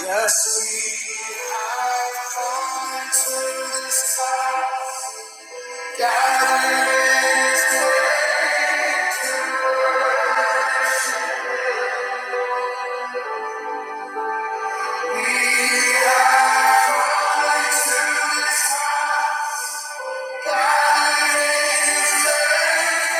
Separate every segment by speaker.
Speaker 1: Yes, we have come to this time. Gathering is great. We have come to this time. Gathering is great.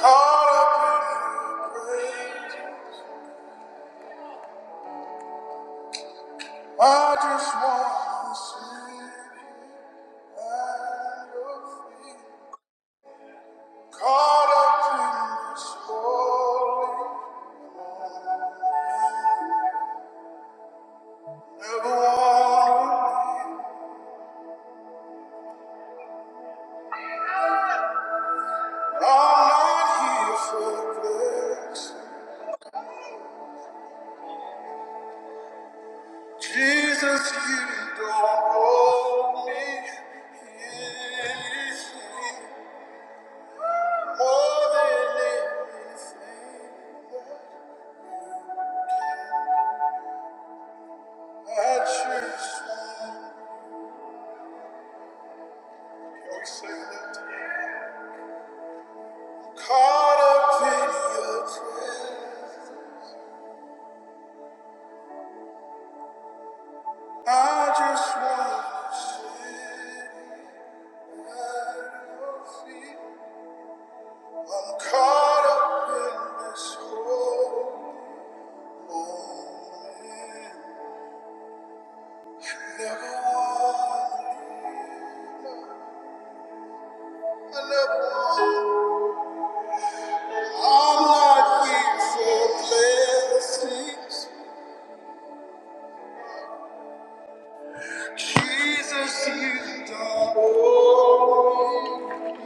Speaker 1: Caught up in your praise. I just want to sit at your feet. Caught up in this holy moment. I'm not here for this. Jesus, you don't owe me anything more than anything that I just want. Can we sing that? Caught up in your prayer. I just want to sit at your feet. I'm caught up in this whole moment. Never won, I never won. I'm not here for blessings. Jesus, you've done all.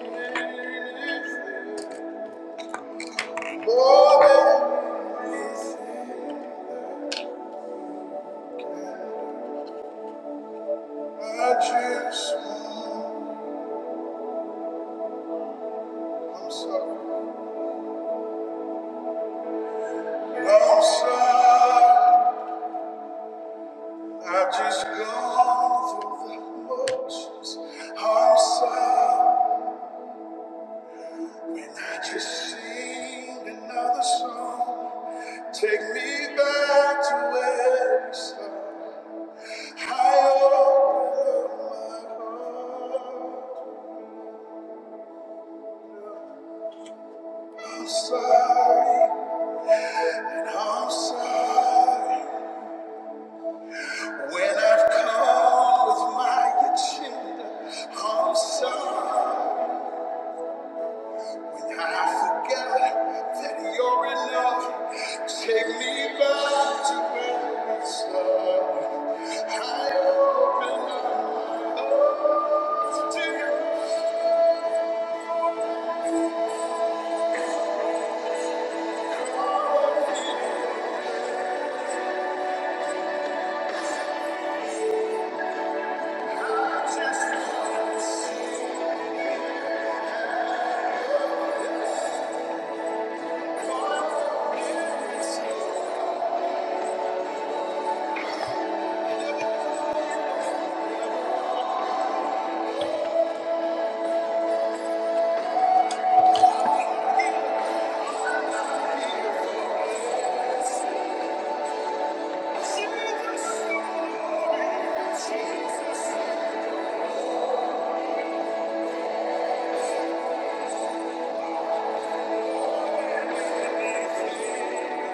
Speaker 1: things. More than anything. I just, I'm sorry, I'm sorry. I've just gone through the motions. I'm sorry when I just sing another song. Take me back to where we started. I open up my heart. I'm sorry, and I'm sorry when I've come with my agenda. I'm sorry. When I forget that you're enough, take me back to where we started. I open up my arms to you. I Just Jesus, Jesus, Jesus.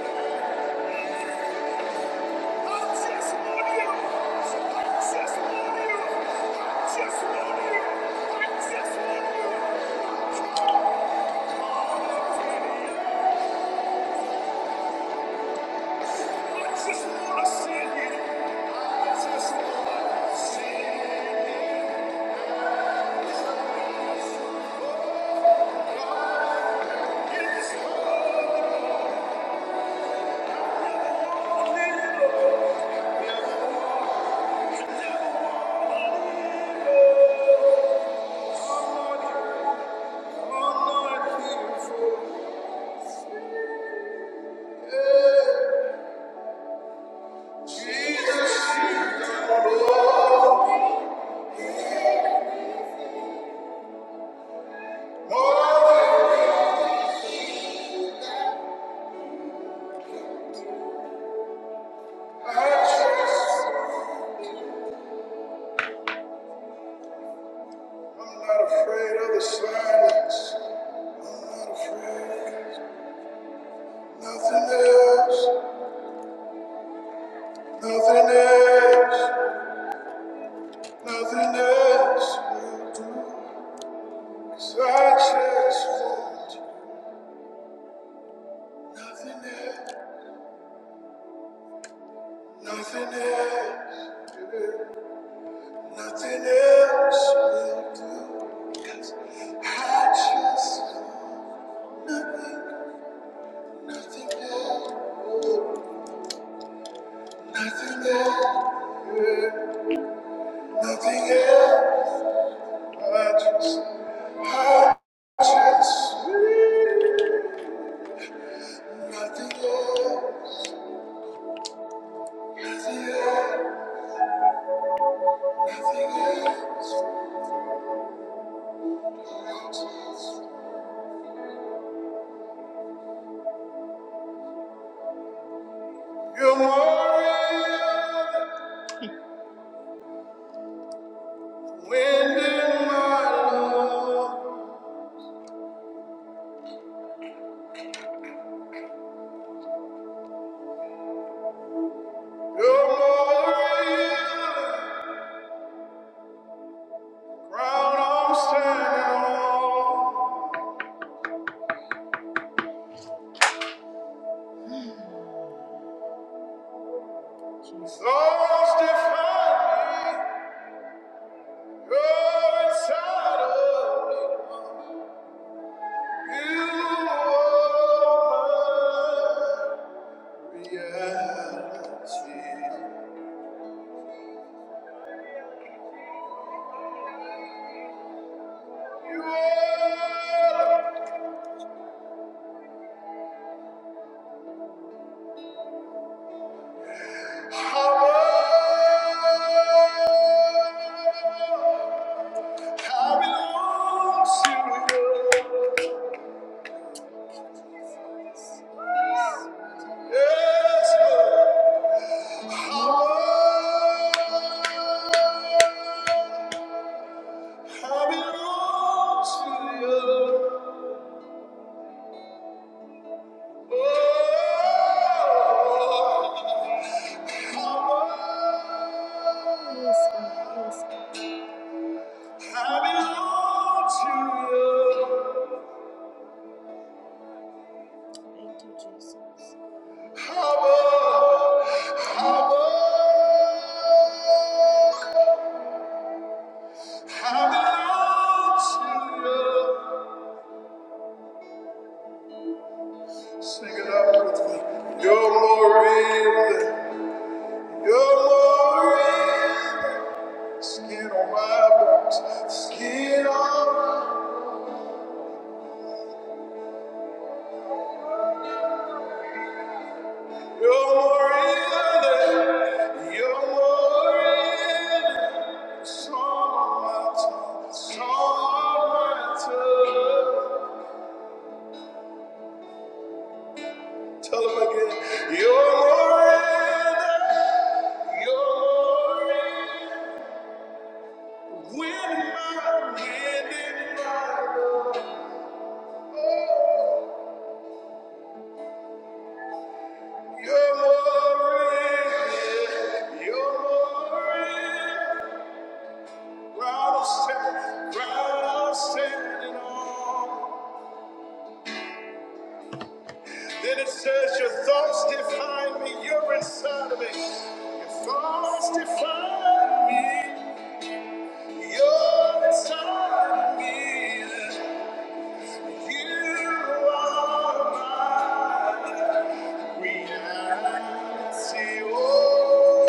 Speaker 1: I'm not afraid of the silence. I'm not afraid. Nothing else, nothing else, nothing else works. I just want nothing else, nothing else, nothing else will do. Cause I just nothing, nothing else, nothing else, nothing else. I just, I just nothing else, nothing else. You're more real than wind in my love. You're more real than the ground I'm standing on. Storms define me. You're inside of me. You are my reality. You are. Yes, God. Yes, I belong to you. Thank you, Jesus. Abba, I belong to you. Sing it out with me. You're more real. You're Skin on my bones. Skin on my bones. You're more real than, you're more real than song on my tongue, song on my tongue. Tell them again, you're more real than, you're more real. than. When my hand in my oh, you're more real, you're more real. Ground I'm standing, ground I'm standing on. Then it says, Your thoughts define me, you're inside of me. Your thoughts define me, you're inside of me. You are my reality. Oh,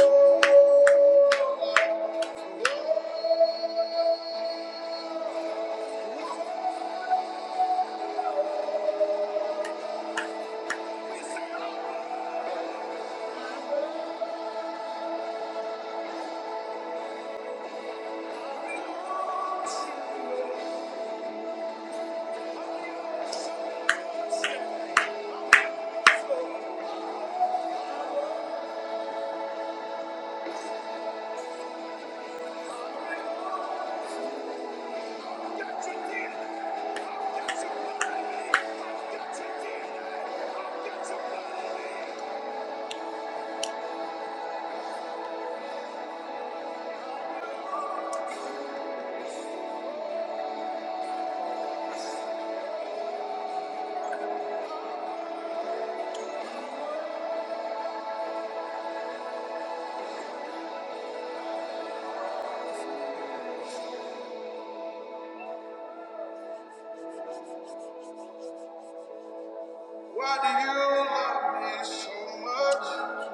Speaker 1: why do you love me so much?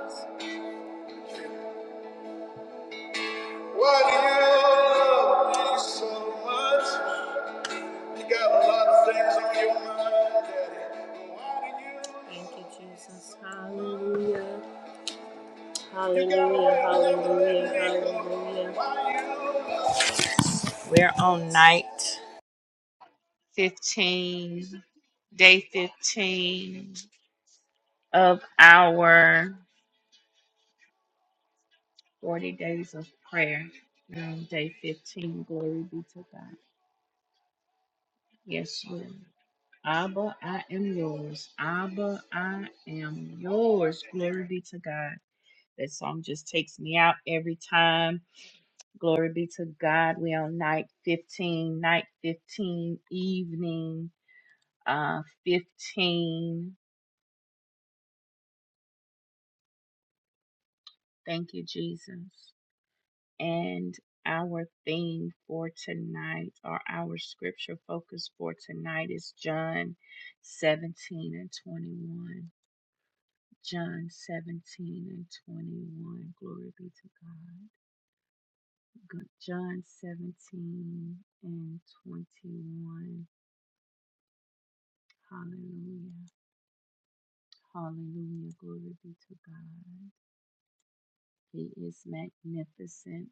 Speaker 1: Why do you love me so much? You got a lot of things on your mind, Daddy. Thank you, Jesus. Hallelujah. Hallelujah. Hallelujah. Hallelujah. We're on night 15, day 15 of our 40 days of prayer. Um, day 15, glory be to God. Yes, Lord. Abba, I am yours. Abba, I am yours. Glory be to God. That song just takes me out every time. Glory be to God. We on night 15, night 15, evening uh 15. Thank you, Jesus. And our theme for tonight or our scripture focus for tonight is John 17 and 21. John 17 and 21. Glory be to God. Good. John 17 and 21. Hallelujah. Hallelujah. Glory be to God. He is magnificent.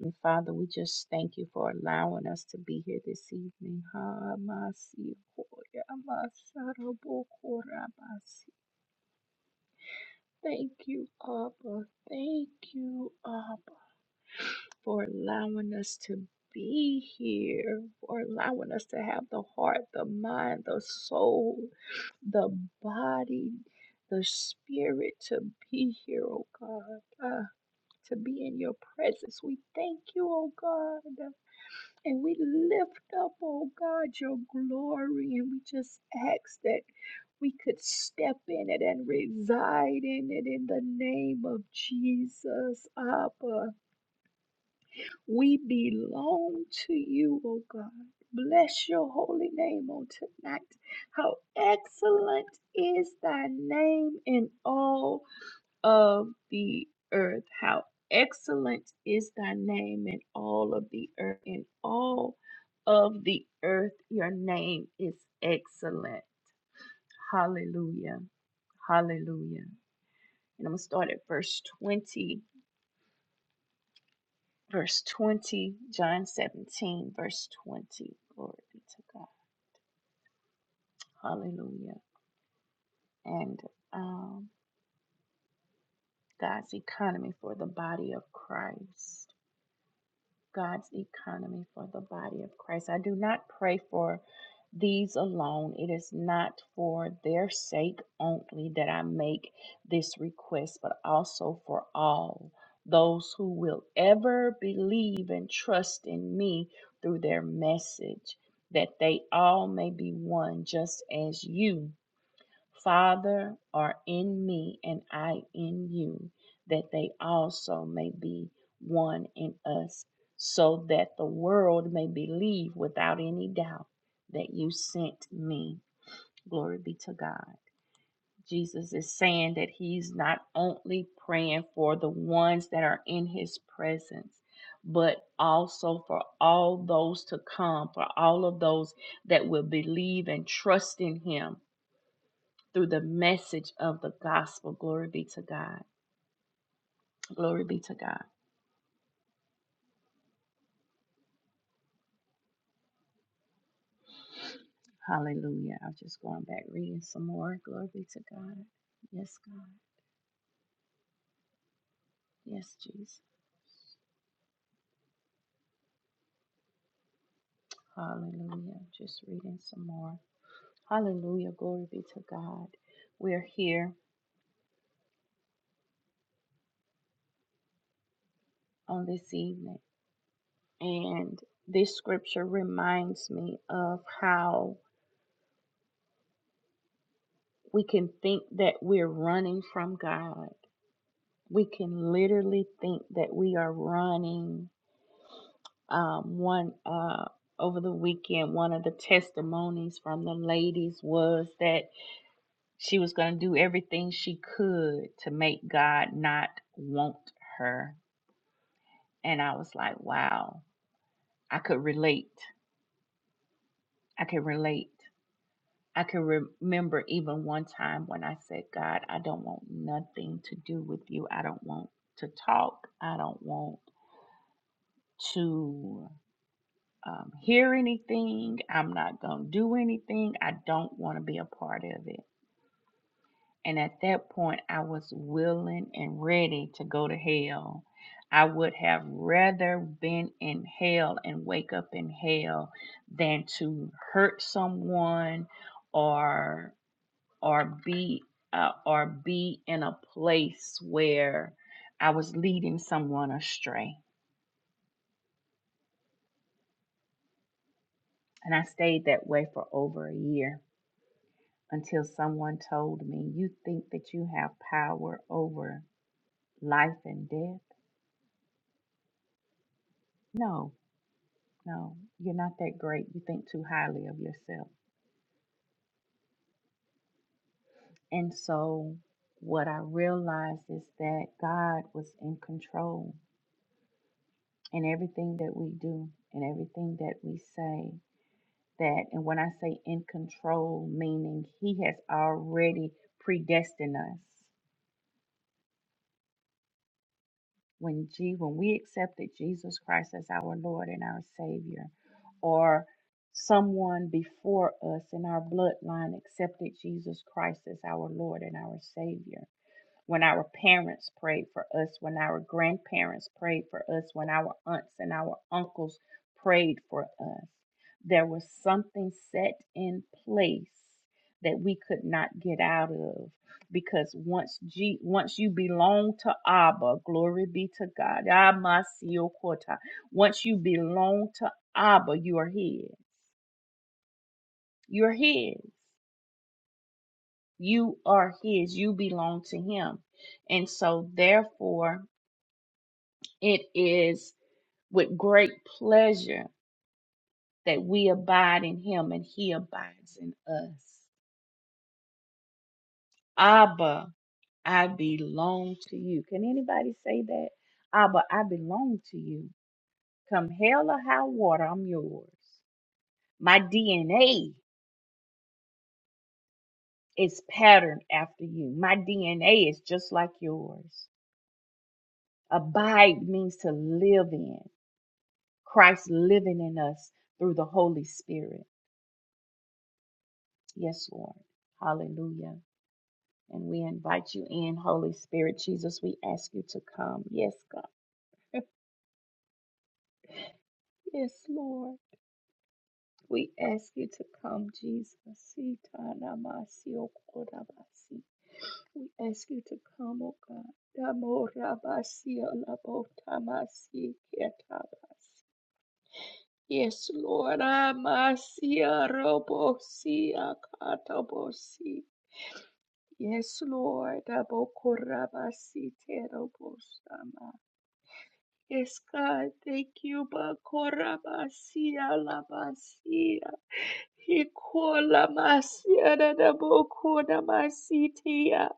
Speaker 1: And Father, we just thank you for allowing us to be here this evening. Ha, masi, koya, masara, bokora, masi. Thank you, Abba. Thank you, Abba, for allowing us to be here, for allowing us to have the heart, the mind, the soul the body, the spirit to be here, oh God, uh, to be in your presence. We thank you, oh God, and we lift up, oh God, your glory, and we just ask that we could step in it and reside in it in the name of Jesus, Abba. We belong to you, O God. Bless your holy name on tonight. How excellent is thy name in all of the earth. How excellent is thy name in all of the earth. In all of the earth, your name is excellent. Hallelujah. Hallelujah. And I'm going to start at verse 20 verse 20, John 17, verse 20. Glory be to God. Hallelujah. And um, God's economy for the body of Christ. God's economy for the body of Christ. I do not pray for these alone. It is not for their sake only that I make this request, but also for all those who will ever believe and trust in me through their message, that they all may be one, just as you. Father, are in me and I in you, that they also may be one in us, so that the world may believe without any doubt that you sent me. Glory be to God. Jesus is saying that he's not only praying for the ones that are in his presence, but also for all those to come, for all of those that will believe and trust in him through the message of the gospel. Glory be to God. Glory be to God. Hallelujah. I'm just going back reading some more. Glory be to God. Yes, God. Yes, Jesus. Hallelujah. Just reading some more. Hallelujah. Glory be to God. We're here on this evening. And this scripture reminds me of how we can think that we're running from God. We can literally think that we are running Um, one uh, over the weekend, one of the testimonies from the ladies was that she was going to do everything she could to make God not want her. And I was like, wow, I could relate. I could relate. I could remember even one time when I said, God, I don't want nothing to do with you. I don't want to talk. I don't want to. um, hear anything. I'm not going to do anything. I don't want to be a part of it. And at that point, I was willing and ready to go to hell. I would have rather been in hell and wake up in hell than to hurt someone or or be uh, or be in a place where I was leading someone astray. And I stayed that way for over a year until someone told me, You think that you have power over life and death? No, no, you're not that great. You think too highly of yourself. And so, what I realized is that God was in control in everything that we do and everything that we say. That, and when I say in control, meaning He has already predestined us When G, when we accepted Jesus Christ as our Lord and our Savior, or someone before us in our bloodline accepted Jesus Christ as our Lord and our Savior, when our parents prayed for us, when our grandparents prayed for us, when our aunts and our uncles prayed for us. There was something set in place that we could not get out of because once G, once you belong to Abba, glory be to God. Amasiokota. Once you belong to Abba, you are his. You're his. You are his. You belong to him. And so therefore It is with great pleasure that we abide in him and he abides in us. Abba, I belong to you. Can anybody say that? Abba, I belong to you. Come hell or high water, I'm yours. My DNA is patterned after you. My DNA is just like yours. Abide means to live in. Christ living in us through the Holy Spirit. Yes, Lord. Hallelujah. And we invite you in, Holy Spirit. Jesus, we ask you to come. Yes, God. Yes, Lord. We ask you to come, Jesus. We ask you to come, O God. Yes, Lord. Yes, Lord. Yes, God, thank you, Bakorabasia Lamasia. Hikola Masia Dadabokona Masitia.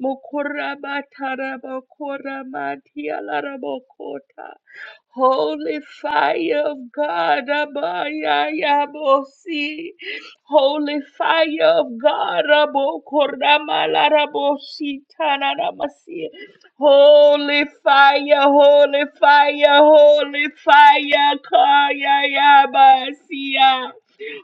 Speaker 1: Mokorabatarabokoramatialarabokota. Holy fire of God, Abayayabosi. Holy fire of God, Abokoramalaramositananamasi. Holy fire, holy fire, holy fire, Kayayabasia.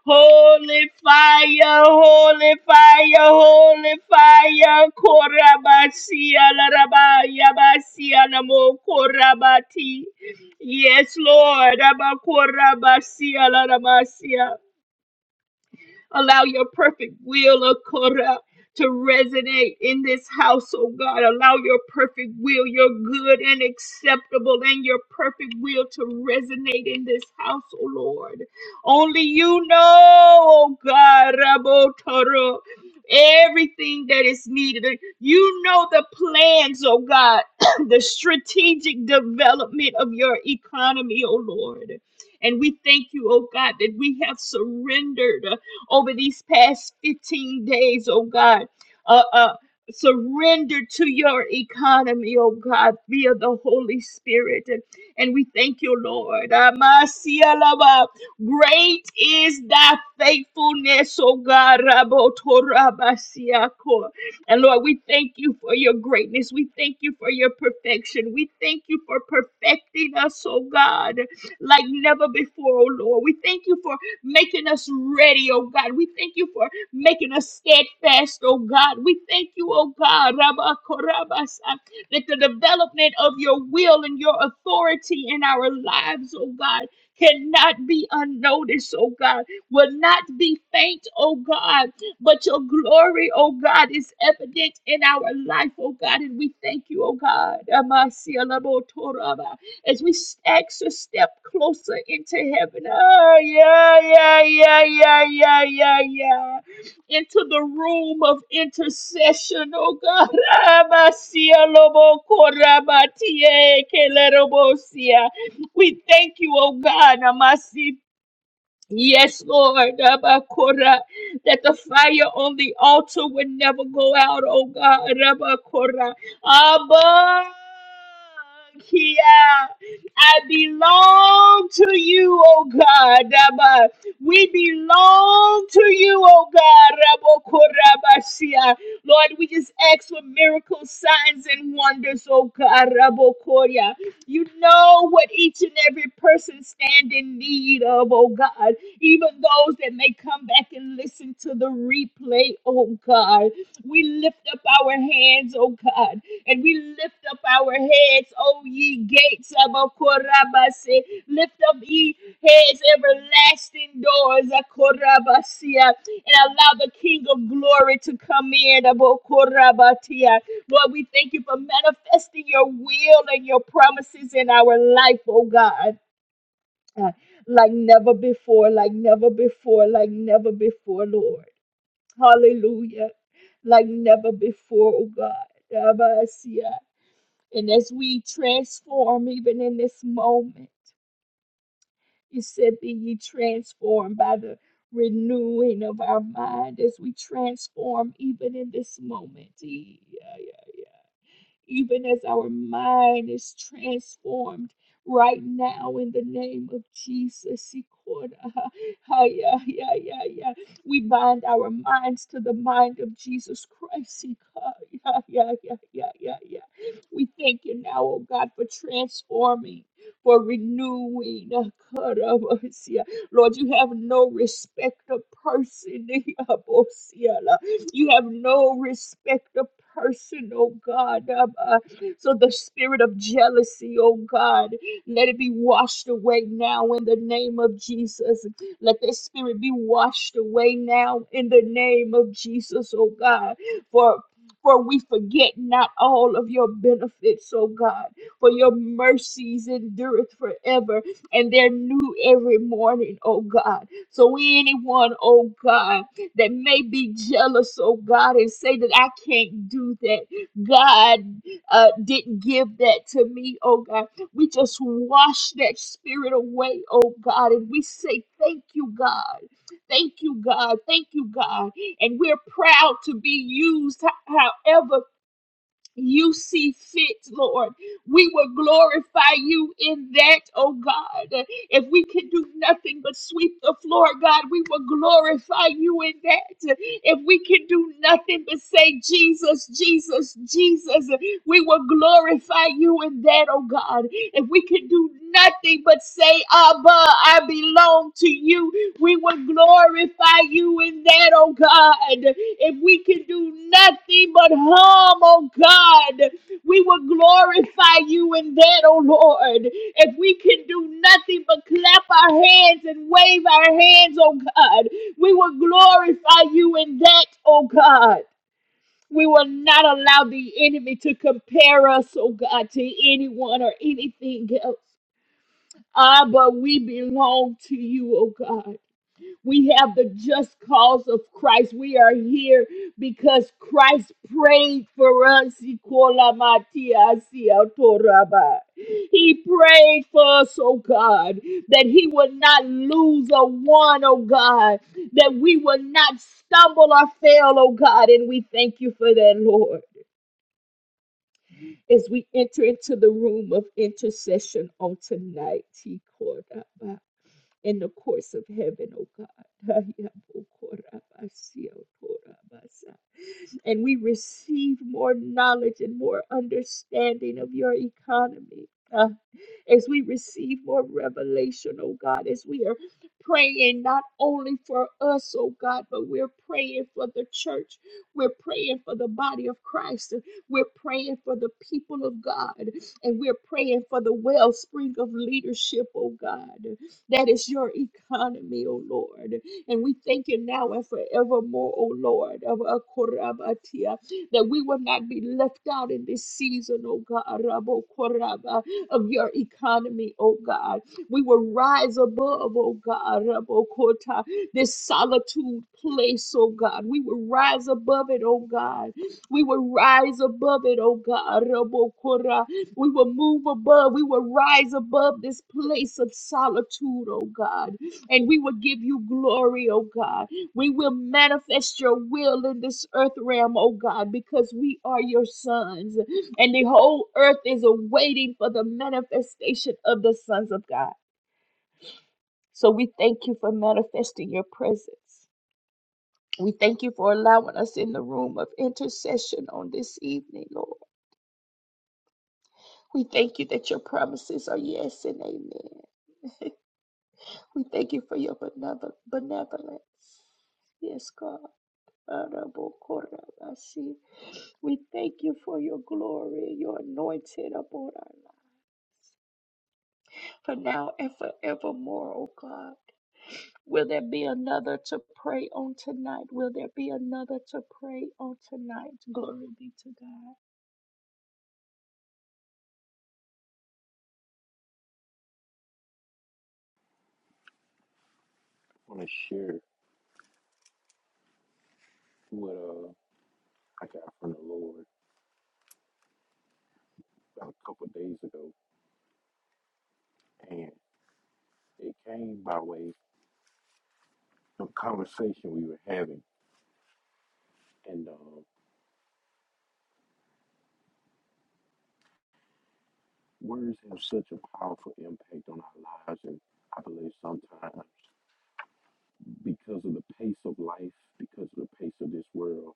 Speaker 1: Holy fire, holy fire, holy fire, Korabasia, Larabaya, Basia, Namo, Korabati. Yes, Lord, Abakorabasia, Larabasia. Allow your perfect will, oh God, to resonate in this house, oh God. Allow your perfect will, your good and acceptable, and your perfect will to resonate in this house, oh Lord. Only you know, oh God, Rabotoro, everything that is needed. You know the plans, oh God, the strategic development of your economy, oh Lord. And we thank you, oh God, that we have surrendered over these past 15 days, oh God. Uh, uh, surrender to your economy, oh God, via the Holy Spirit. And, and we thank you, Lord. Amasialaba. Great is thy faithfulness, oh God. Rabotorabasiako. And Lord, we thank you for your greatness. We thank you for your perfection. We thank you for perfecting us, oh God, like never before, oh Lord. We thank you for making us ready, oh God. We thank you for making us steadfast, oh God. We thank you, oh God, Rabba Korabasa, that the development of your will and your authority in our lives, oh God, cannot be unnoticed, oh God, will not be faint, oh God, but your glory, oh God, is evident in our life, oh God, and we thank you, oh God. Amasialabotoraba as we s- a step closer into heaven. Oh, yeah, yeah, yeah, yeah, yeah, yeah, yeah. Into the room of intercession, oh God. We thank you, oh God. Yes, Lord, Rabakora, that the fire on the altar would never go out, oh God, Rabakora. Abba, Kia, I belong to you, oh God, Rabba. We belong to you, oh God, Rabakora, Basia. Lord, we just ask for miracles, signs, and wonders, oh God, Rabakora. You know what each and every person stand in need of, oh God even those that may come back and listen to the replay, oh God. We lift up our hands, oh God, and we lift up our heads, oh ye gates of Okorabase. Lift up ye heads, everlasting doors, Akorabasia, and allow the King of glory to come in, Abokorabatia. Lord, we thank you for manifesting your will and your promises in our life, oh God time, like never before, like never before, like never before, Lord. Hallelujah. Like never before, oh God. Rabasia. And as we transform, even in this moment, you said, Be ye transformed by the renewing of our mind as we transform, even in this moment. Yeah, even as our mind is transformed right now in the name of Jesus. We bind our minds to the mind of Jesus Christ. We thank you now, oh God, for transforming, for renewing. Lord, you have no respect of person. You have no respect of person, oh God. Um, uh, so the spirit of jealousy, oh God, let it be washed away now in the name of Jesus. Let this spirit be washed away now in the name of Jesus, oh God. For for we forget not all of your benefits, oh God, for your mercies endureth forever, and they're new every morning, oh God. So anyone, oh God that may be jealous, oh God, and say that I can't do that. God uh, didn't give that to me, oh God. We just wash that spirit away, oh God, and we say, Thank you, God. Thank you, God. Thank you, God. And we're proud to be used ho- however you see fit, Lord. We will glorify you in that, oh God. If we could do nothing but sweep the floor, God, we will glorify you in that. If we can do nothing but say, Jesus, Jesus, Jesus, we will glorify you in that, oh God. If we can do nothing but say, Abba, I belong to you, we will glorify you in that, oh God. If we can do nothing but hum, oh God. We will glorify you in that, oh Lord. If we can do nothing but clap our hands and wave our hands, oh God, we will glorify you in that, oh God. We will not allow the enemy to compare us, oh God, to anyone or anything else. Ah, but we belong to you, oh God. We have the just cause of Christ. We are here because Christ prayed for us. He prayed for us, oh God, that He would not lose a one, oh God, that we would not stumble or fail, oh God. And we thank you for that, Lord as we enter into the room of intercession on tonight in the courts of heaven, oh God. And we receive more knowledge and more understanding of your economy. Uh, as we receive more revelation, oh God, as we are praying not only for us, oh God, but we're praying for the church. We're praying for the body of Christ. We're praying for the people of God. And we're praying for the wellspring of leadership, oh God. That is your economy, O Lord. And we thank you now and forevermore, O Lord, of Akorabatia, that we will not be left out in this season, O God, Rabo Koraba, of your economy, O God. We will rise above, O God, Rabo Kota, this solitude place, O God. We will rise above it, O God. We will rise above it, O God, Rabo Kora. We will move above. We will rise above this place of solitude, oh God. And we will give you glory, oh God. We will manifest your will in this earth realm, oh God, because we are your sons. And the whole earth is awaiting for the manifestation of the sons of God. So we thank you for manifesting your presence. We thank you for allowing us in the room of intercession on this evening, Lord. We thank you that your promises are yes and amen. We thank you for your benevol- benevolence. Yes, God. Honorable Korah, I see. We thank you for your glory, your anointing upon our life, for now and forevermore, O God. Will there be another to pray on tonight? Will there be another to pray on tonight? Glory be to God.
Speaker 2: want to share what uh, I got from the Lord about a couple of days ago, and it came by way of a conversation we were having, and um, words have such a powerful impact on our lives, and I believe sometimes because of the pace of life, because of the pace of this world,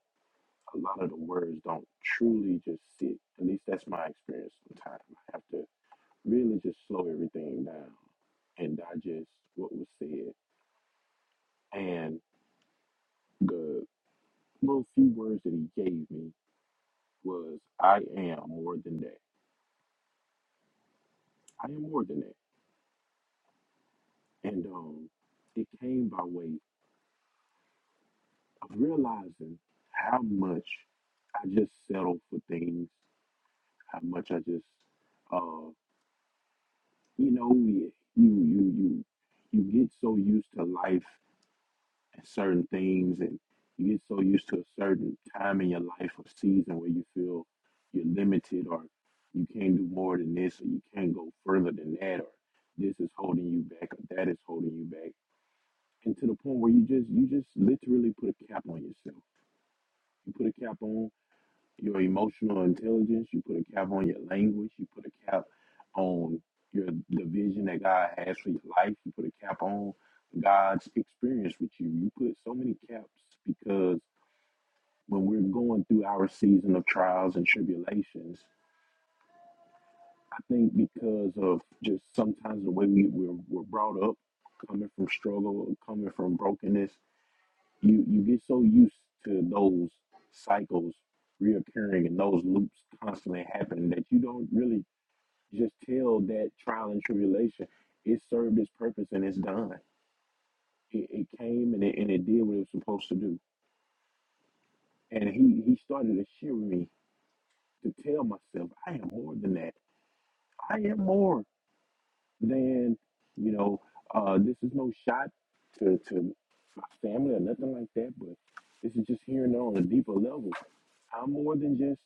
Speaker 2: a lot of the words don't truly just sit. At least that's my experience. Sometimes I have to really just slow everything down and digest what was said and. the. little few words that he gave me was I am more than that. I am more than that. And um it came by way of realizing how much I just settle for things, how much I just uh you know, you you you you you get so used to life certain things and you get so used to a certain time in your life or season where you feel you're limited or you can't do more than this or you can't go further than that or this is holding you back or that is holding you back and to the point where you just you just literally put a cap on yourself you put a cap on your emotional intelligence, you put a cap on your language, you put a cap on your the vision that God has for your life, you put a cap on God's experience with you. You put so many caps because when we're going through our season of trials and tribulations, I think because of just sometimes the way we, we're, we're brought up, coming from struggle, coming from brokenness, you you get so used to those cycles reoccurring and those loops constantly happening that you don't really just tell that trial and tribulation it served its purpose and it's done. It, it came and it, and it did what it was supposed to do. And he he started to shiver me to tell myself I am more than that. I am more than you know. Uh, this is no shot to to my family or nothing like that, but this is just hearing on a deeper level I'm more than just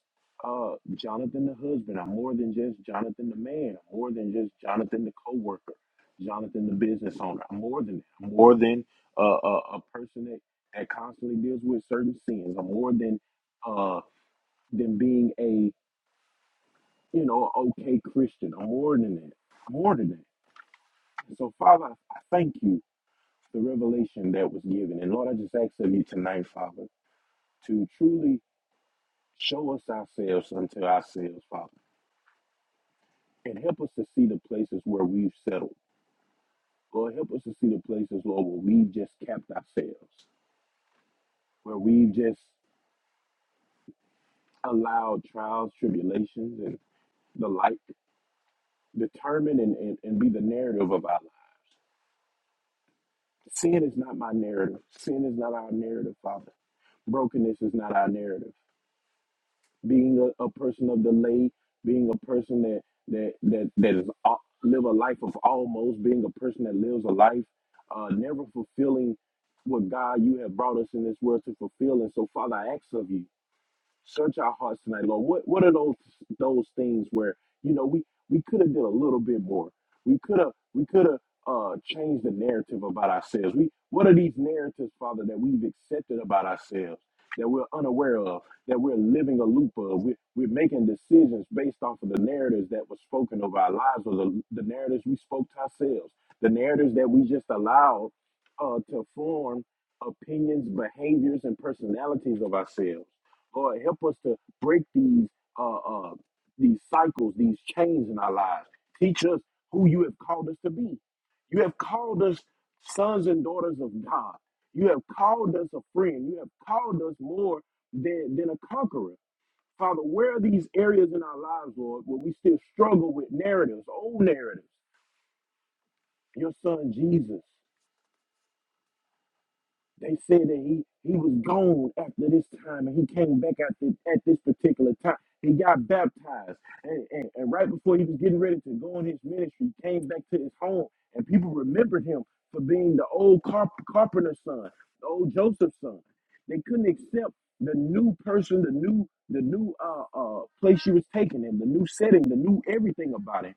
Speaker 2: uh, Jonathan the husband. I'm more than just Jonathan the man. I'm more than just Jonathan the coworker. Jonathan the business owner. I'm more than that. I'm more than uh, a, a person that, that constantly deals with certain sins. I'm more than uh, than being a you know okay Christian. I'm more than that. I'm more than that. And so Father, I I thank you for the revelation that was given. And Lord, I just ask of you tonight, Father, to truly show us ourselves unto ourselves, Father. and help us to see the places where we've settled. Lord, help us to see the places, Lord, where we've just kept ourselves, where we've just allowed trials, tribulations, and the like determine and, and, and be the narrative of our lives. Sin is not my narrative. Sin is not our narrative, Father. Brokenness is not our narrative. being a, a person of delay, being a person that that that that is al- live a life of almost, being a person that lives a life, uh, never fulfilling what God you have brought us in this world to fulfill. And so, Father, I ask of you search our hearts tonight, Lord. What what are those those things where you know we we could have did a little bit more. We could have we could have uh, changed the narrative about ourselves. We what are these narratives, Father, that we've accepted about ourselves that we're unaware of, that we're living a loop of. We're, we're making decisions based off of the narratives that were spoken over our lives or the, the narratives we spoke to ourselves, the narratives that we just allowed uh, to form opinions, behaviors, and personalities of ourselves. Lord, help us to break these uh, uh, these cycles, these chains in our lives. Teach us who you have called us to be. You have called us sons and daughters of God. You have called us a friend. You have called us more than, than a conqueror. Father, where are these areas in our lives, Lord, where we still struggle with narratives, old narratives? Your son Jesus. They said that he, he was gone after this time and he came back at this, at this particular time. He got baptized. And, and, and right before he was getting ready to go on his ministry, he came back to his home and people remembered him for being the old carp- carpenter's son, the old Joseph's son. They couldn't accept the new person, the new the new uh, uh, place she was taking him, the new setting, the new everything about him.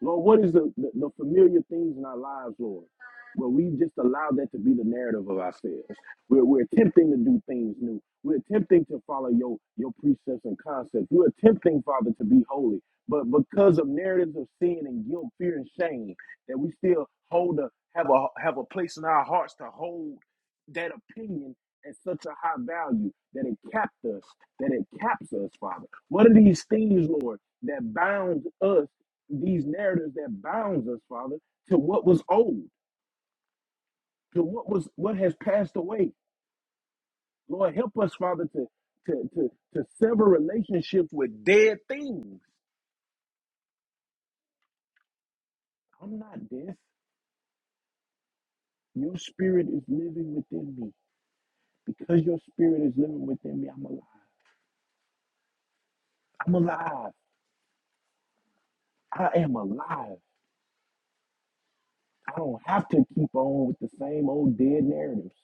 Speaker 2: Lord, what is the, the, the familiar things in our lives, Lord? Where we just allow that to be the narrative of ourselves. We're, we're attempting to do things new. We're attempting to follow your, your precepts and concepts. We're attempting, Father, to be holy. But because of narratives of sin and guilt, fear, and shame, that we still hold a have a have a place in our hearts to hold that opinion at such a high value that it capped us, that it caps us, Father. What are these things, Lord, that bound us? these narratives that bounds us, Father, to what was old, to what was what has passed away. Lord, help us, Father, to to to, to sever relationships with dead things. I'm not dead. Your spirit is living within me. Because your spirit is living within me, I'm alive. I'm alive. I am alive. I don't have to keep on with the same old dead narratives.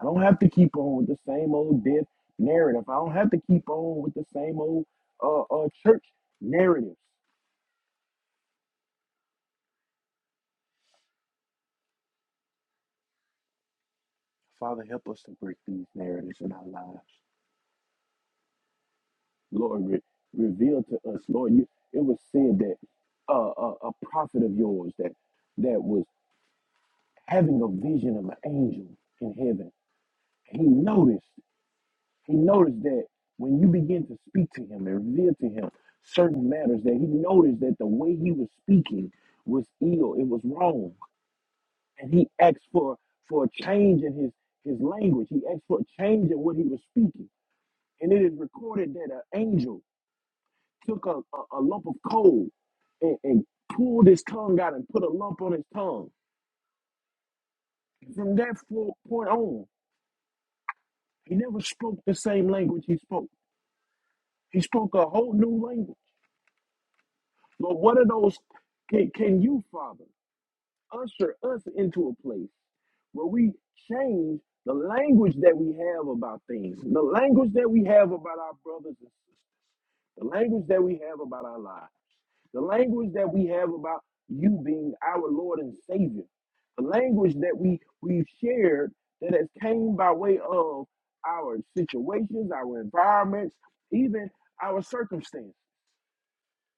Speaker 2: I don't have to keep on with the same old dead narrative. I don't have to keep on with the same old uh, uh, church narratives. Father, help us to break these narratives in our lives. Lord, re- reveal to us, Lord, you, it was said that uh, a, a prophet of yours that that was having a vision of an angel in heaven. He noticed. He noticed that when you begin to speak to him and reveal to him certain matters, that he noticed that the way he was speaking was ill, it was wrong, and he asked for for a change in his his language. He asked for a change in what he was speaking, and it is recorded that an angel took a, a, a lump of coal and, and pulled his tongue out and put a lump on his tongue. From that fo- point on, he never spoke the same language he spoke. He spoke a whole new language. But what are those? Can, can you, Father, usher us into a place where we change the language that we have about things, the language that we have about our brothers and sisters, the language that we have about our lives, the language that we have about you being our Lord and Savior, the language that we we've shared that has came by way of our situations, our environments, even our circumstances.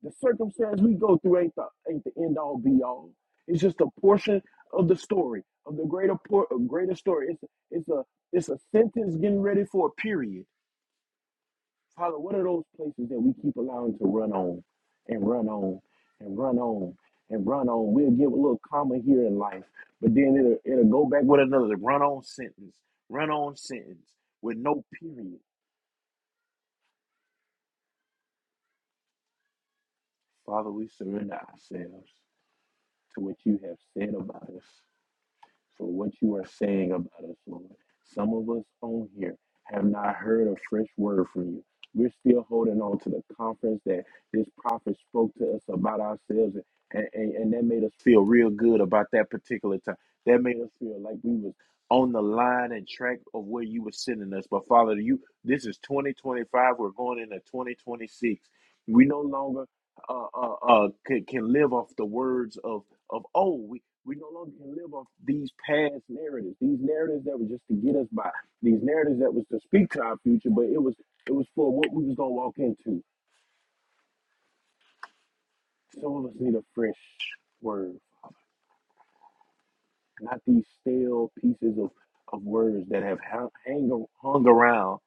Speaker 2: The circumstance we go through ain't the, ain't the end all be all. It's just a portion of the story, of the greater por- of greater story. It's a, it's a it's a sentence getting ready for a period. Father, what are those places that we keep allowing to run on and run on and run on and run on? We'll give a little comma here in life, but then it'll it'll go back with another run on sentence, run on sentence with no period. Father, we surrender ourselves to what you have said about us. for what you are saying about us, Lord. Some of us on here have not heard a fresh word from you. We're still holding on to the conference that this prophet spoke to us about ourselves, and, and, and that made us feel real good about that particular time. That made us feel like we was on the line and track of where you were sending us. But Father, you this is 2025. We're going into 2026. We no longer uh, uh, uh, can, can live off the words of of old. We no longer can live off these past narratives, these narratives that were just to get us by, these narratives that was to speak to our future, but it was it was for what we was gonna walk into. Some of us need a fresh word, not these stale pieces of, of words that have hung, hang, hung around,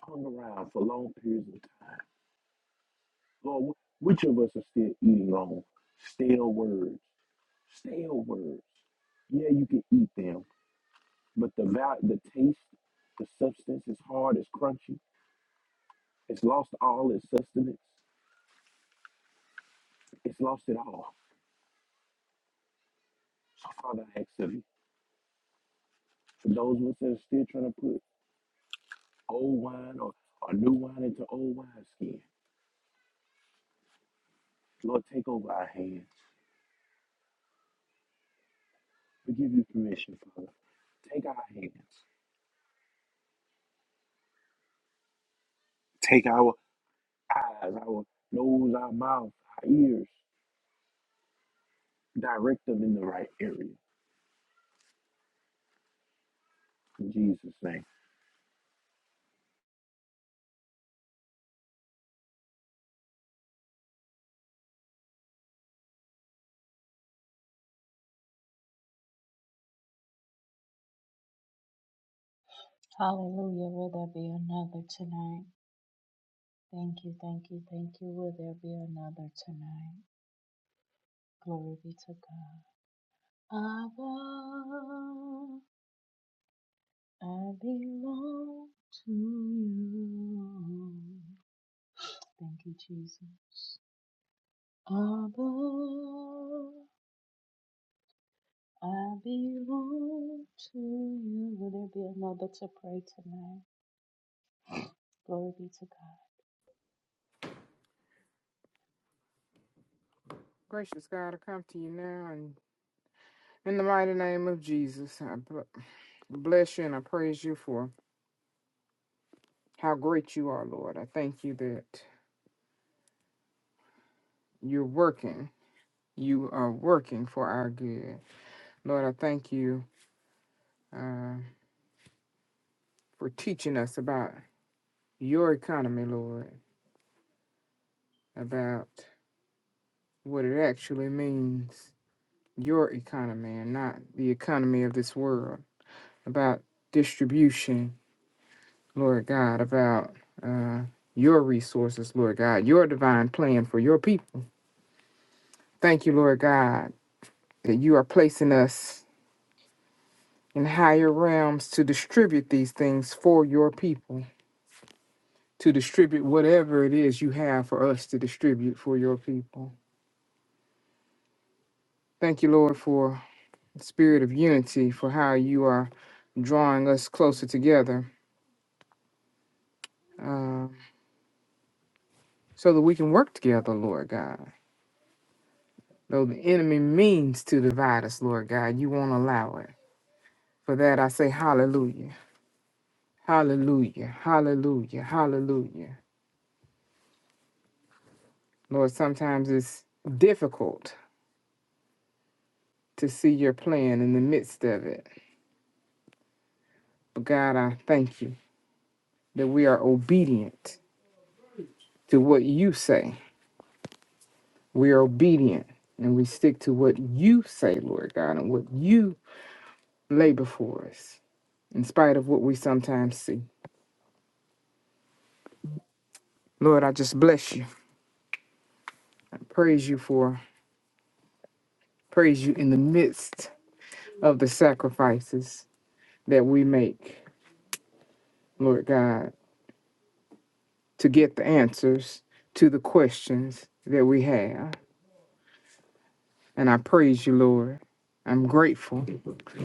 Speaker 2: hung around for long periods of time. Lord, wh- which of us are still eating on stale words, stale words? Yeah, you can eat them, but the val- the taste, the substance is hard, it's crunchy It's lost all its sustenance. It's lost it all. So, Father, I ask of you for those of us that are still trying to put old wine or, or new wine into old wineskin, Lord, take over our hands. We give you permission, Father. Take our hands, take our eyes, our nose, our mouth, our ears, direct them in the right area. In Jesus' name.
Speaker 3: Gracious God, I come to you now and in the mighty name of Jesus, I b- bless you and I praise you for how great you are, Lord. I thank you that you're working. You are working for our good. Lord, I thank you uh, for teaching us about your economy, Lord, about what it actually means, your economy, and not the economy of this world, about distribution Lord God, about uh, your resources, Lord God, your divine plan for your people. Thank you, Lord God, that you are placing us in higher realms to distribute these things for your people, to distribute whatever it is you have for us to distribute for your people. Thank you, Lord, for the spirit of unity, for how you are drawing us closer together uh, so that we can work together, Lord God. Though the enemy means to divide us, Lord God, you won't allow it. For that, I say hallelujah, hallelujah, hallelujah, hallelujah. Lord, sometimes it's difficult to see your plan in the midst of it. But God, I thank you that we are obedient to what you say. We are obedient and we stick to what you say, Lord God, and what you lay before us, in spite of what we sometimes see. Lord, I just bless you. I praise you for, praise you in the midst of the sacrifices that we make Lord God, to get the answers to the questions that we have. And I praise you, Lord. I'm grateful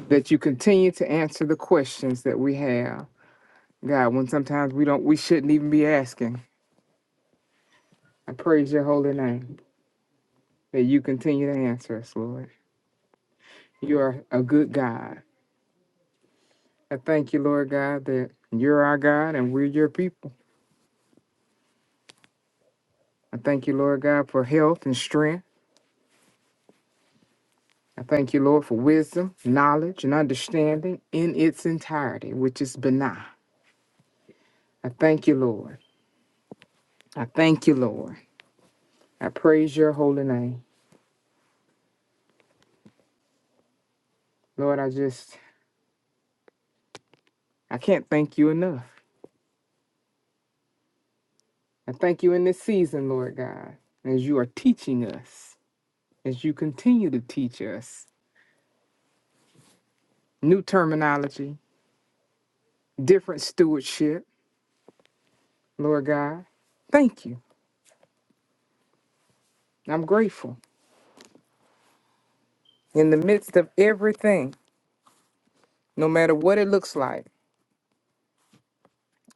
Speaker 3: that you continue to answer the questions that we have. God, when sometimes we don't we shouldn't even be asking. I praise your holy name that you continue to answer us, Lord. You are a good God. I thank you, Lord God, that you're our God and we're your people. I thank you, Lord God, for health and strength. I thank you, Lord, for wisdom, knowledge, and understanding in its entirety, which is benah. I thank you, Lord. I thank you, Lord. I praise your holy name. Lord, I just, I can't thank you enough. I thank you in this season, Lord God, as you are teaching us, as you continue to teach us new terminology, different stewardship, Lord God. Thank you. I'm grateful. In the midst of everything, no matter what it looks like,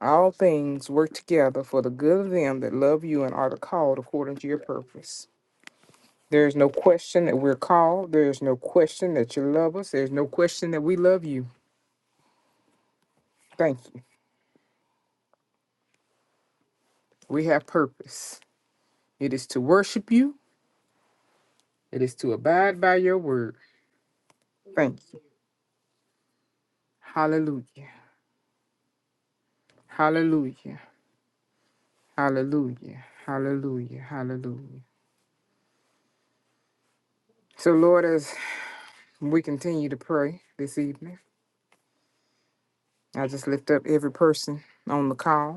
Speaker 3: All things work together for the good of them that love you and are the called according to your purpose. There is no question that we're called. There is no question that you love us. There's no question that we love you. Thank you. We have purpose. It is to worship you, it is to abide by your word. Thank you. Hallelujah. Hallelujah. Hallelujah. Hallelujah. Hallelujah. So, Lord, as we continue to pray this evening, I just lift up every person on the call.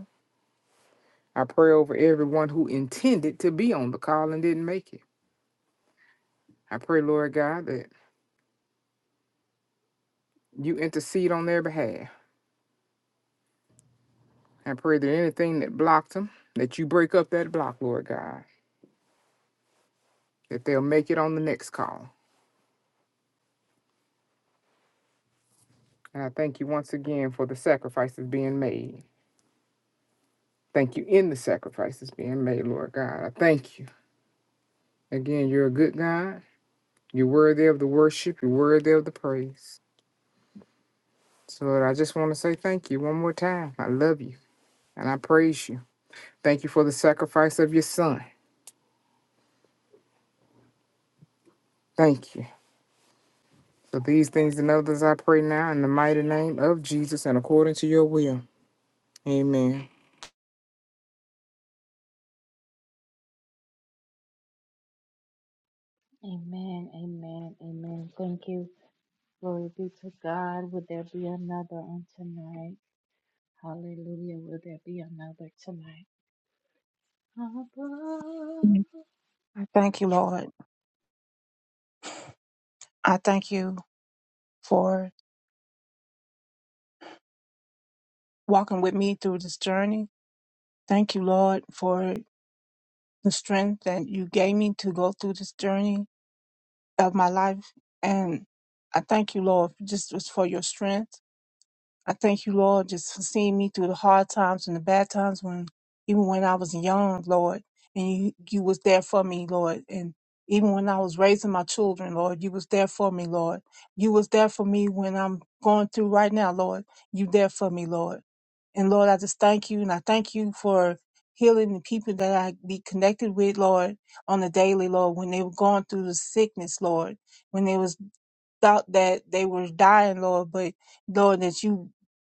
Speaker 3: I pray over everyone who intended to be on the call and didn't make it. I pray, Lord God, that you intercede on their behalf. I pray that anything that blocked them, that you break up that block, Lord God, that they'll make it on the next call. And I thank you once again for the sacrifices being made. Thank you in the sacrifices being made, Lord God. I thank you. Again, you're a good God. You're worthy of the worship. You're worthy of the praise. So, Lord, I just want to say thank you one more time. I love you and I praise you. Thank you for the sacrifice of your son. Thank you. For these things and others I pray now in the mighty name of Jesus and according to your will. Amen.
Speaker 4: Mhm. I thank you, Lord. I thank you for walking with me through this journey. Thank you, Lord, for the strength that you gave me to go through this journey of my life. And I thank you, Lord, just just for your strength. I thank you, Lord, just for seeing me through the hard times and the bad times when even when I was young, Lord, and you you was there for me, Lord. And even when I was raising my children, Lord, you was there for me, Lord. You was there for me when I'm going through right now, Lord. You there for me, Lord. And Lord, I just thank you and I thank you for healing the people that I be connected with, Lord, on the daily, Lord, when they were going through the sickness, Lord. When they was thought that they were dying, Lord, but Lord, that you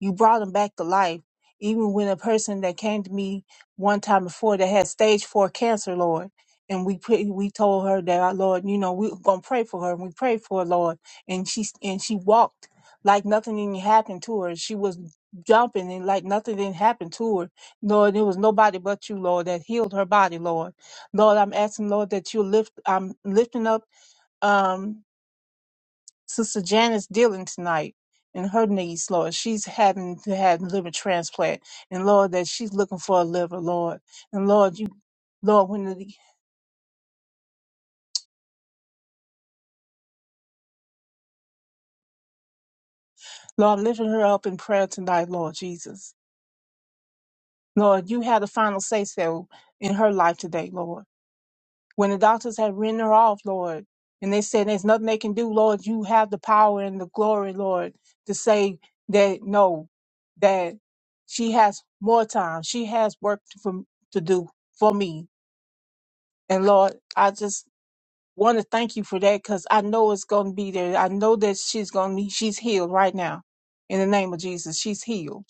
Speaker 4: you brought them back to life. Even when a person that came to me one time before that had stage four cancer, Lord, and we put, we told her that our Lord, you know, we were gonna pray for her, and we prayed for her, Lord, and she and she walked like nothing didn't happen to her. She was jumping and like nothing didn't happen to her. Lord, it was nobody but you, Lord, that healed her body, Lord. Lord, I'm asking, Lord, that you lift, I'm lifting up, um, Sister Janice dealing tonight and her needs, Lord. She's having to have liver transplant. And Lord, that she's looking for a liver, Lord. And Lord, you Lord, when the Lord lifting her up in prayer tonight, Lord Jesus. Lord, you had the final say so in her life today, Lord. When the doctors had written her off, Lord, and they said there's nothing they can do, Lord, you have the power and the glory, Lord, to say that no, that she has more time. She has work to, for, to do for me And Lord, I just want to thank you for that because I know it's going to be there. I know that she's going to be, she's healed right now. In the name of Jesus, she's healed.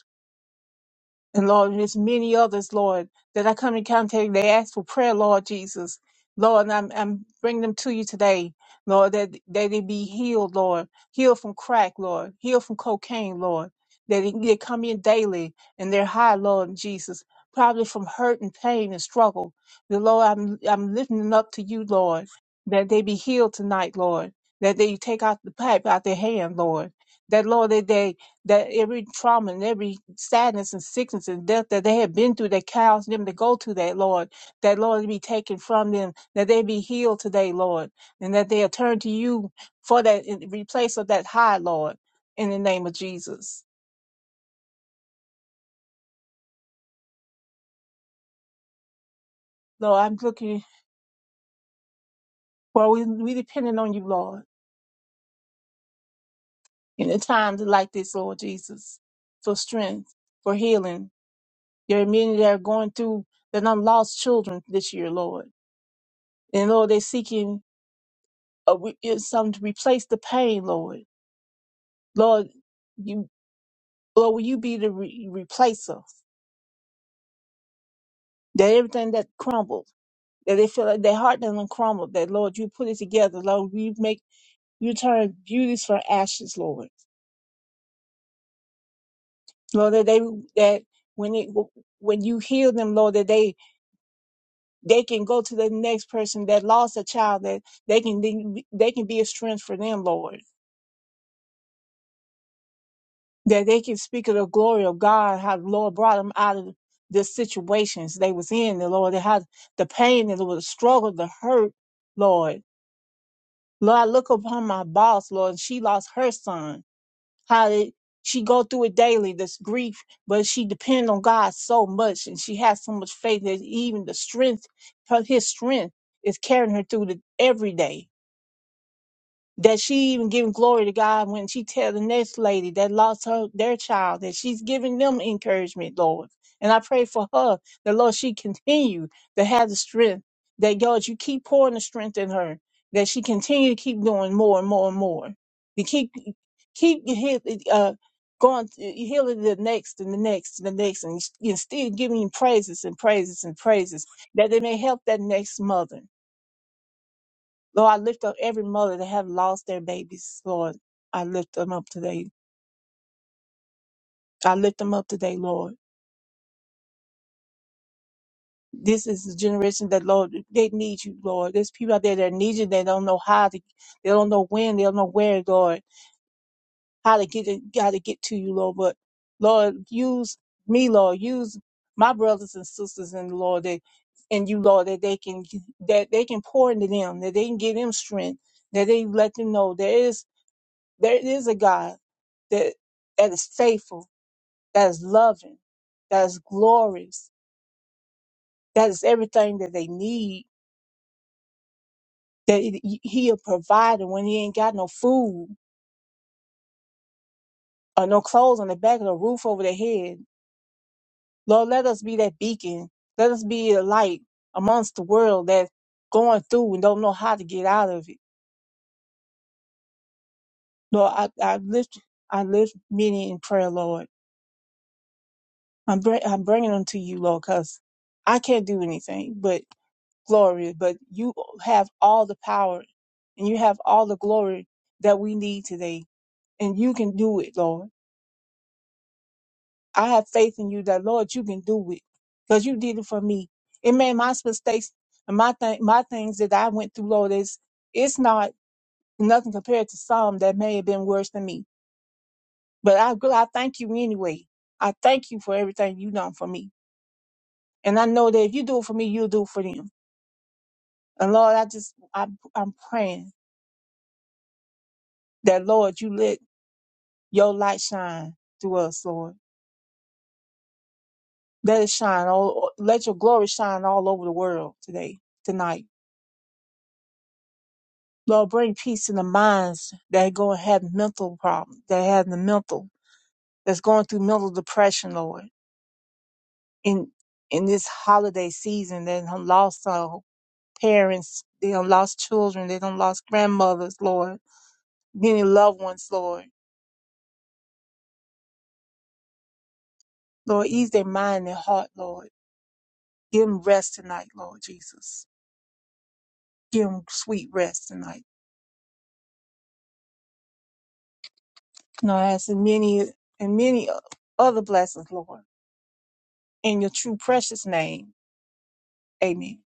Speaker 4: And Lord, there's many others, Lord, that I come in contact. They ask for prayer, Lord Jesus. Lord, and I'm, I'm bringing them to you today, Lord, that, that they be healed, Lord. Healed from crack, Lord. Healed from cocaine, Lord. That they, they come in daily and they're high, Lord Jesus. Probably from hurt and pain and struggle. The Lord, I'm, I'm lifting them up to you, Lord. That they be healed tonight, Lord. That they take out the pipe out their hand, Lord. That, Lord, that they, that every trauma and every sadness and sickness and death that they have been through that caused them to go to that Lord, that Lord be taken from them, that they be healed today, Lord, and that they are turned to you for that in replace of that high Lord in the name of Jesus. Lord, I'm looking for we we depending on you, Lord, in the times like this, Lord Jesus, for strength, for healing. There are many that are going through that are lost children this year, Lord. And Lord, they're seeking uh, we, it's something to replace the pain, Lord. Lord, you, Lord, will you be the re- replacer? That everything that crumbled, that they feel like their heart doesn't crumble, that Lord, you put it together, Lord, you make, you turn beauties from ashes, Lord. Lord, that they, that when it, when you heal them, Lord, that they, they can go to the next person that lost a child, that they can, be- they can be a strength for them, Lord. that they can speak of the glory of God, how the Lord brought them out of the situations they was in, the Lord, how the pain and the struggle, the hurt, Lord. Lord, I look upon my boss, Lord, and she lost her son. How did she go through it daily, this grief, but she depend on God so much and she has so much faith that even the strength, her, his strength is carrying her through the every day that she even giving glory to God when she tell the next lady that lost her their child that she's giving them encouragement, Lord. And I pray for her that Lord she continue to have the strength that God you keep pouring the strength in her that she continue to keep doing more and more and more to keep keep heal- uh going healing the next and the next and the next and, and still giving you praises and praises and praises that they may help that next mother Lord, I lift up every mother that have lost their babies, Lord. I lift them up today. I lift them up today, Lord. This is the generation that, Lord, they need you, Lord. There's people out there that need you. They don't know how to, they don't know when, they don't know where, Lord, how to get it, how to get to you, Lord. But Lord, use me, Lord. Use my brothers and sisters in the Lord that, and you, Lord, that they can, that they can pour into them, that they can give them strength, that they let them know there is, there is a God that, that is faithful, that is loving, that is glorious, that is everything that they need, that it- he'll provide them when he ain't got no food or no clothes on the back of the roof over their head. Lord, let us be that beacon. Let us be a light amongst the world that's going through and don't know how to get out of it. Lord, I, I lift, I lift many in prayer, Lord. I'm, bring, I'm bringing them to you, Lord, because I can't do anything, but glory, but you have all the power and you have all the glory that we need today. And you can do it, Lord. I have faith in you that, Lord, you can do it because you did it for me. And man, my mistakes and my, th- my things that I went through, Lord, is it's not nothing compared to some that may have been worse than me. But I, I thank you anyway. I thank you for everything you done for me. And I know that if you do it for me, you'll do it for them. And Lord, I just, I, I'm praying that, Lord, you let Your light shine through us, Lord. Let it shine all, let your glory shine all over the world today, tonight. Lord, bring peace in the minds that are going to have mental problems, that have the mental, that's going through mental depression, Lord. In, in this holiday season, they done lost our parents, they done lost children, they done lost grandmothers, Lord. Many loved ones, Lord. Lord, ease their mind and heart, Lord. Give them rest tonight, Lord Jesus. Give them sweet rest tonight. And I ask in many and many other blessings, Lord, in your true precious name. Amen.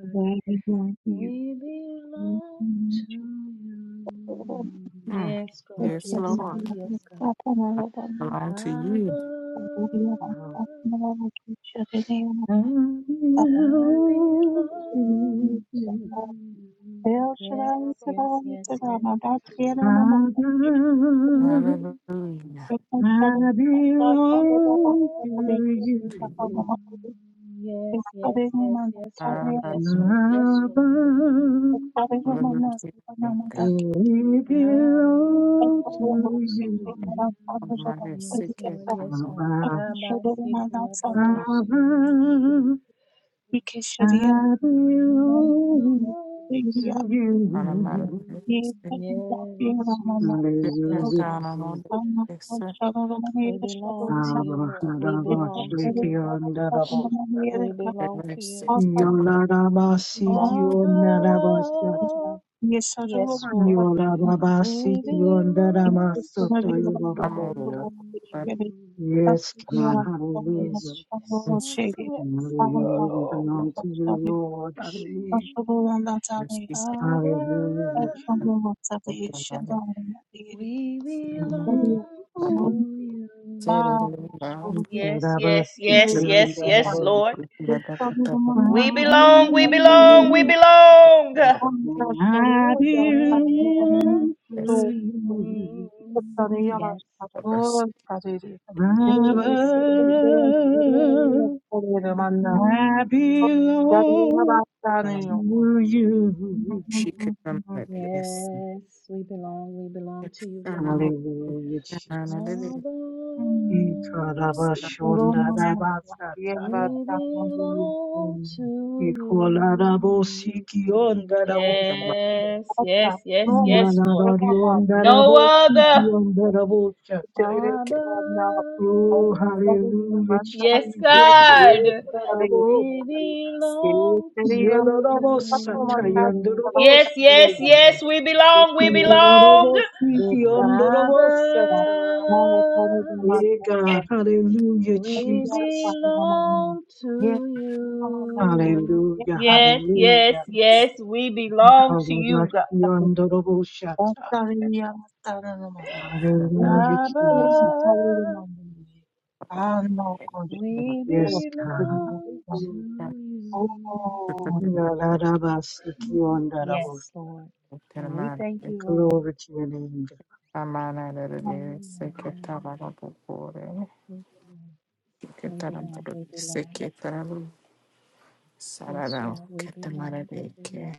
Speaker 4: Why are you here? Oh,
Speaker 3: Mm.
Speaker 4: I'm
Speaker 3: Yes,
Speaker 4: sorry, I'm
Speaker 3: Lord.
Speaker 4: not a woman.
Speaker 3: Belong to you.
Speaker 4: I'm not a woman. I'm
Speaker 5: Now
Speaker 4: not
Speaker 5: I
Speaker 6: Hallelujah,
Speaker 5: belong to
Speaker 6: hallelujah.
Speaker 5: you,
Speaker 6: Hallelujah, I belong to you. Hallelujah,
Speaker 5: Father.
Speaker 3: Hallelujah.
Speaker 5: I
Speaker 6: I belong to
Speaker 5: belong to
Speaker 6: you.
Speaker 3: To
Speaker 5: you,
Speaker 4: a woman. I'm
Speaker 5: Abba.
Speaker 3: Hallelujah.
Speaker 4: Thank
Speaker 3: God
Speaker 5: We belong to you,
Speaker 3: Almighty, sick
Speaker 6: Yes,
Speaker 3: it, I
Speaker 6: God, I belong
Speaker 3: know it
Speaker 5: Abba.
Speaker 3: not.
Speaker 5: Abba.
Speaker 6: to you.
Speaker 5: I belong
Speaker 4: you.
Speaker 5: to
Speaker 3: Almighty,
Speaker 5: you.
Speaker 3: sick it,
Speaker 5: Hallelujah,
Speaker 3: I know
Speaker 5: Jesus.
Speaker 3: it is.
Speaker 5: Abba, Abba, Shake
Speaker 3: Every sick it, I know it. all.
Speaker 5: Yolarabasikyonarabasata.
Speaker 4: Yes, I do have Yesodoro bakubwira ngo ibyo
Speaker 5: Yolarabasikyonaramasata
Speaker 4: babiba
Speaker 3: I'm
Speaker 4: bakubwira
Speaker 5: yororabota.
Speaker 3: all over. But
Speaker 4: kwishyura
Speaker 5: Yes, God,
Speaker 4: bakubwira bakubwira
Speaker 5: hallelujah.
Speaker 3: it's
Speaker 4: bakubwira abantu
Speaker 5: Hallelujah, we
Speaker 4: bakubwira
Speaker 5: belong to you,
Speaker 4: bakubwira
Speaker 5: Lord. Hallelujah.
Speaker 4: bashobora
Speaker 3: Thank you.
Speaker 4: ndazabereza ariko
Speaker 5: Hallelujah,
Speaker 4: bakubwira nzaberesha ndamubwira bakubwira
Speaker 5: Jesus.
Speaker 4: ndamubwira bashobora muri bake
Speaker 5: Yolarabasikyonarabota.
Speaker 4: bashobora
Speaker 5: I
Speaker 4: umuntu akabona bakubwira
Speaker 5: belong
Speaker 4: ko ndashobora bakubwira
Speaker 5: to
Speaker 4: mu
Speaker 5: you, Abba. I belong to you.
Speaker 4: Thank
Speaker 5: Hallelujah, Jesus. Ikarabashondarabasataya. Ikolarabosikiondarabosiko.
Speaker 4: तेरे
Speaker 5: Iyanarariondarabosikiondarabotataya.
Speaker 4: शराबना
Speaker 5: Oh,
Speaker 4: तेरे
Speaker 5: hallelujah,
Speaker 4: शराबना
Speaker 5: Jesus.
Speaker 4: तेरे तेरे
Speaker 5: Ikarabosataya.
Speaker 4: मेरी तेरे तेरे का मतलब सब
Speaker 5: Iyanarabosataya.
Speaker 4: मचा दिया बात कर लिया
Speaker 5: Andarabosiko.
Speaker 4: भाई इसने तेरे तेरे
Speaker 5: Yabarobosiki
Speaker 4: का तेरे
Speaker 5: ondorobosata.
Speaker 4: ना ऐसा नहीं जमा
Speaker 5: Yeah,
Speaker 4: दिया दिया
Speaker 5: God. Hallelujah,
Speaker 4: नहीं या
Speaker 5: Jesus.
Speaker 4: पानी हमारे ये चीज हमारा को ये
Speaker 5: Hallelujah,
Speaker 4: काम
Speaker 5: hallelujah.
Speaker 4: करो
Speaker 5: Ikorobashi
Speaker 4: तब तक
Speaker 5: ondorobosata.
Speaker 4: तेरे यार तारा Oh,
Speaker 5: Hallelujah,
Speaker 4: Ushukuru
Speaker 5: Jesus.
Speaker 4: mfalme mamuni. Ano koshi.
Speaker 5: Yes,
Speaker 4: Oh, super
Speaker 5: God.
Speaker 4: Mandali.
Speaker 5: Hallelujah.
Speaker 4: Oh,
Speaker 5: Yalarabasiki ondorobos- Glory to your name,
Speaker 3: Amana da da da seketa ba ba ba bore seketa da da da seketa da de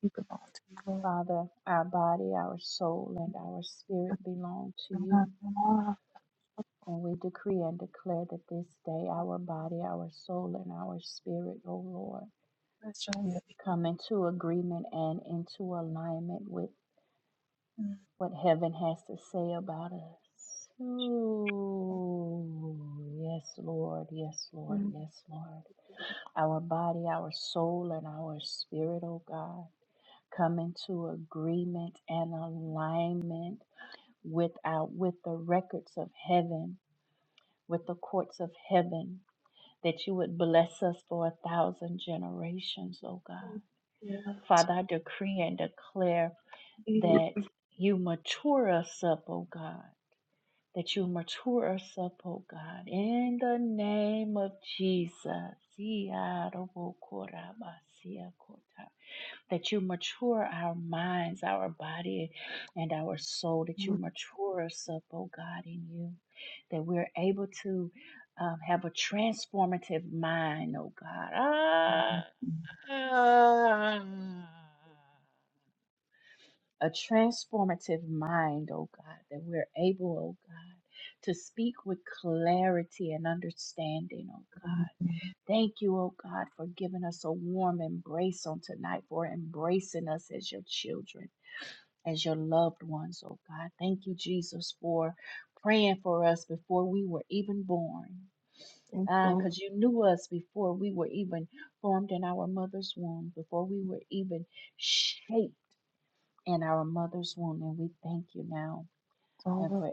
Speaker 4: think about it, Lord. Ah, ah, that's right. Mm, yeah. Mm, thank God, Lord.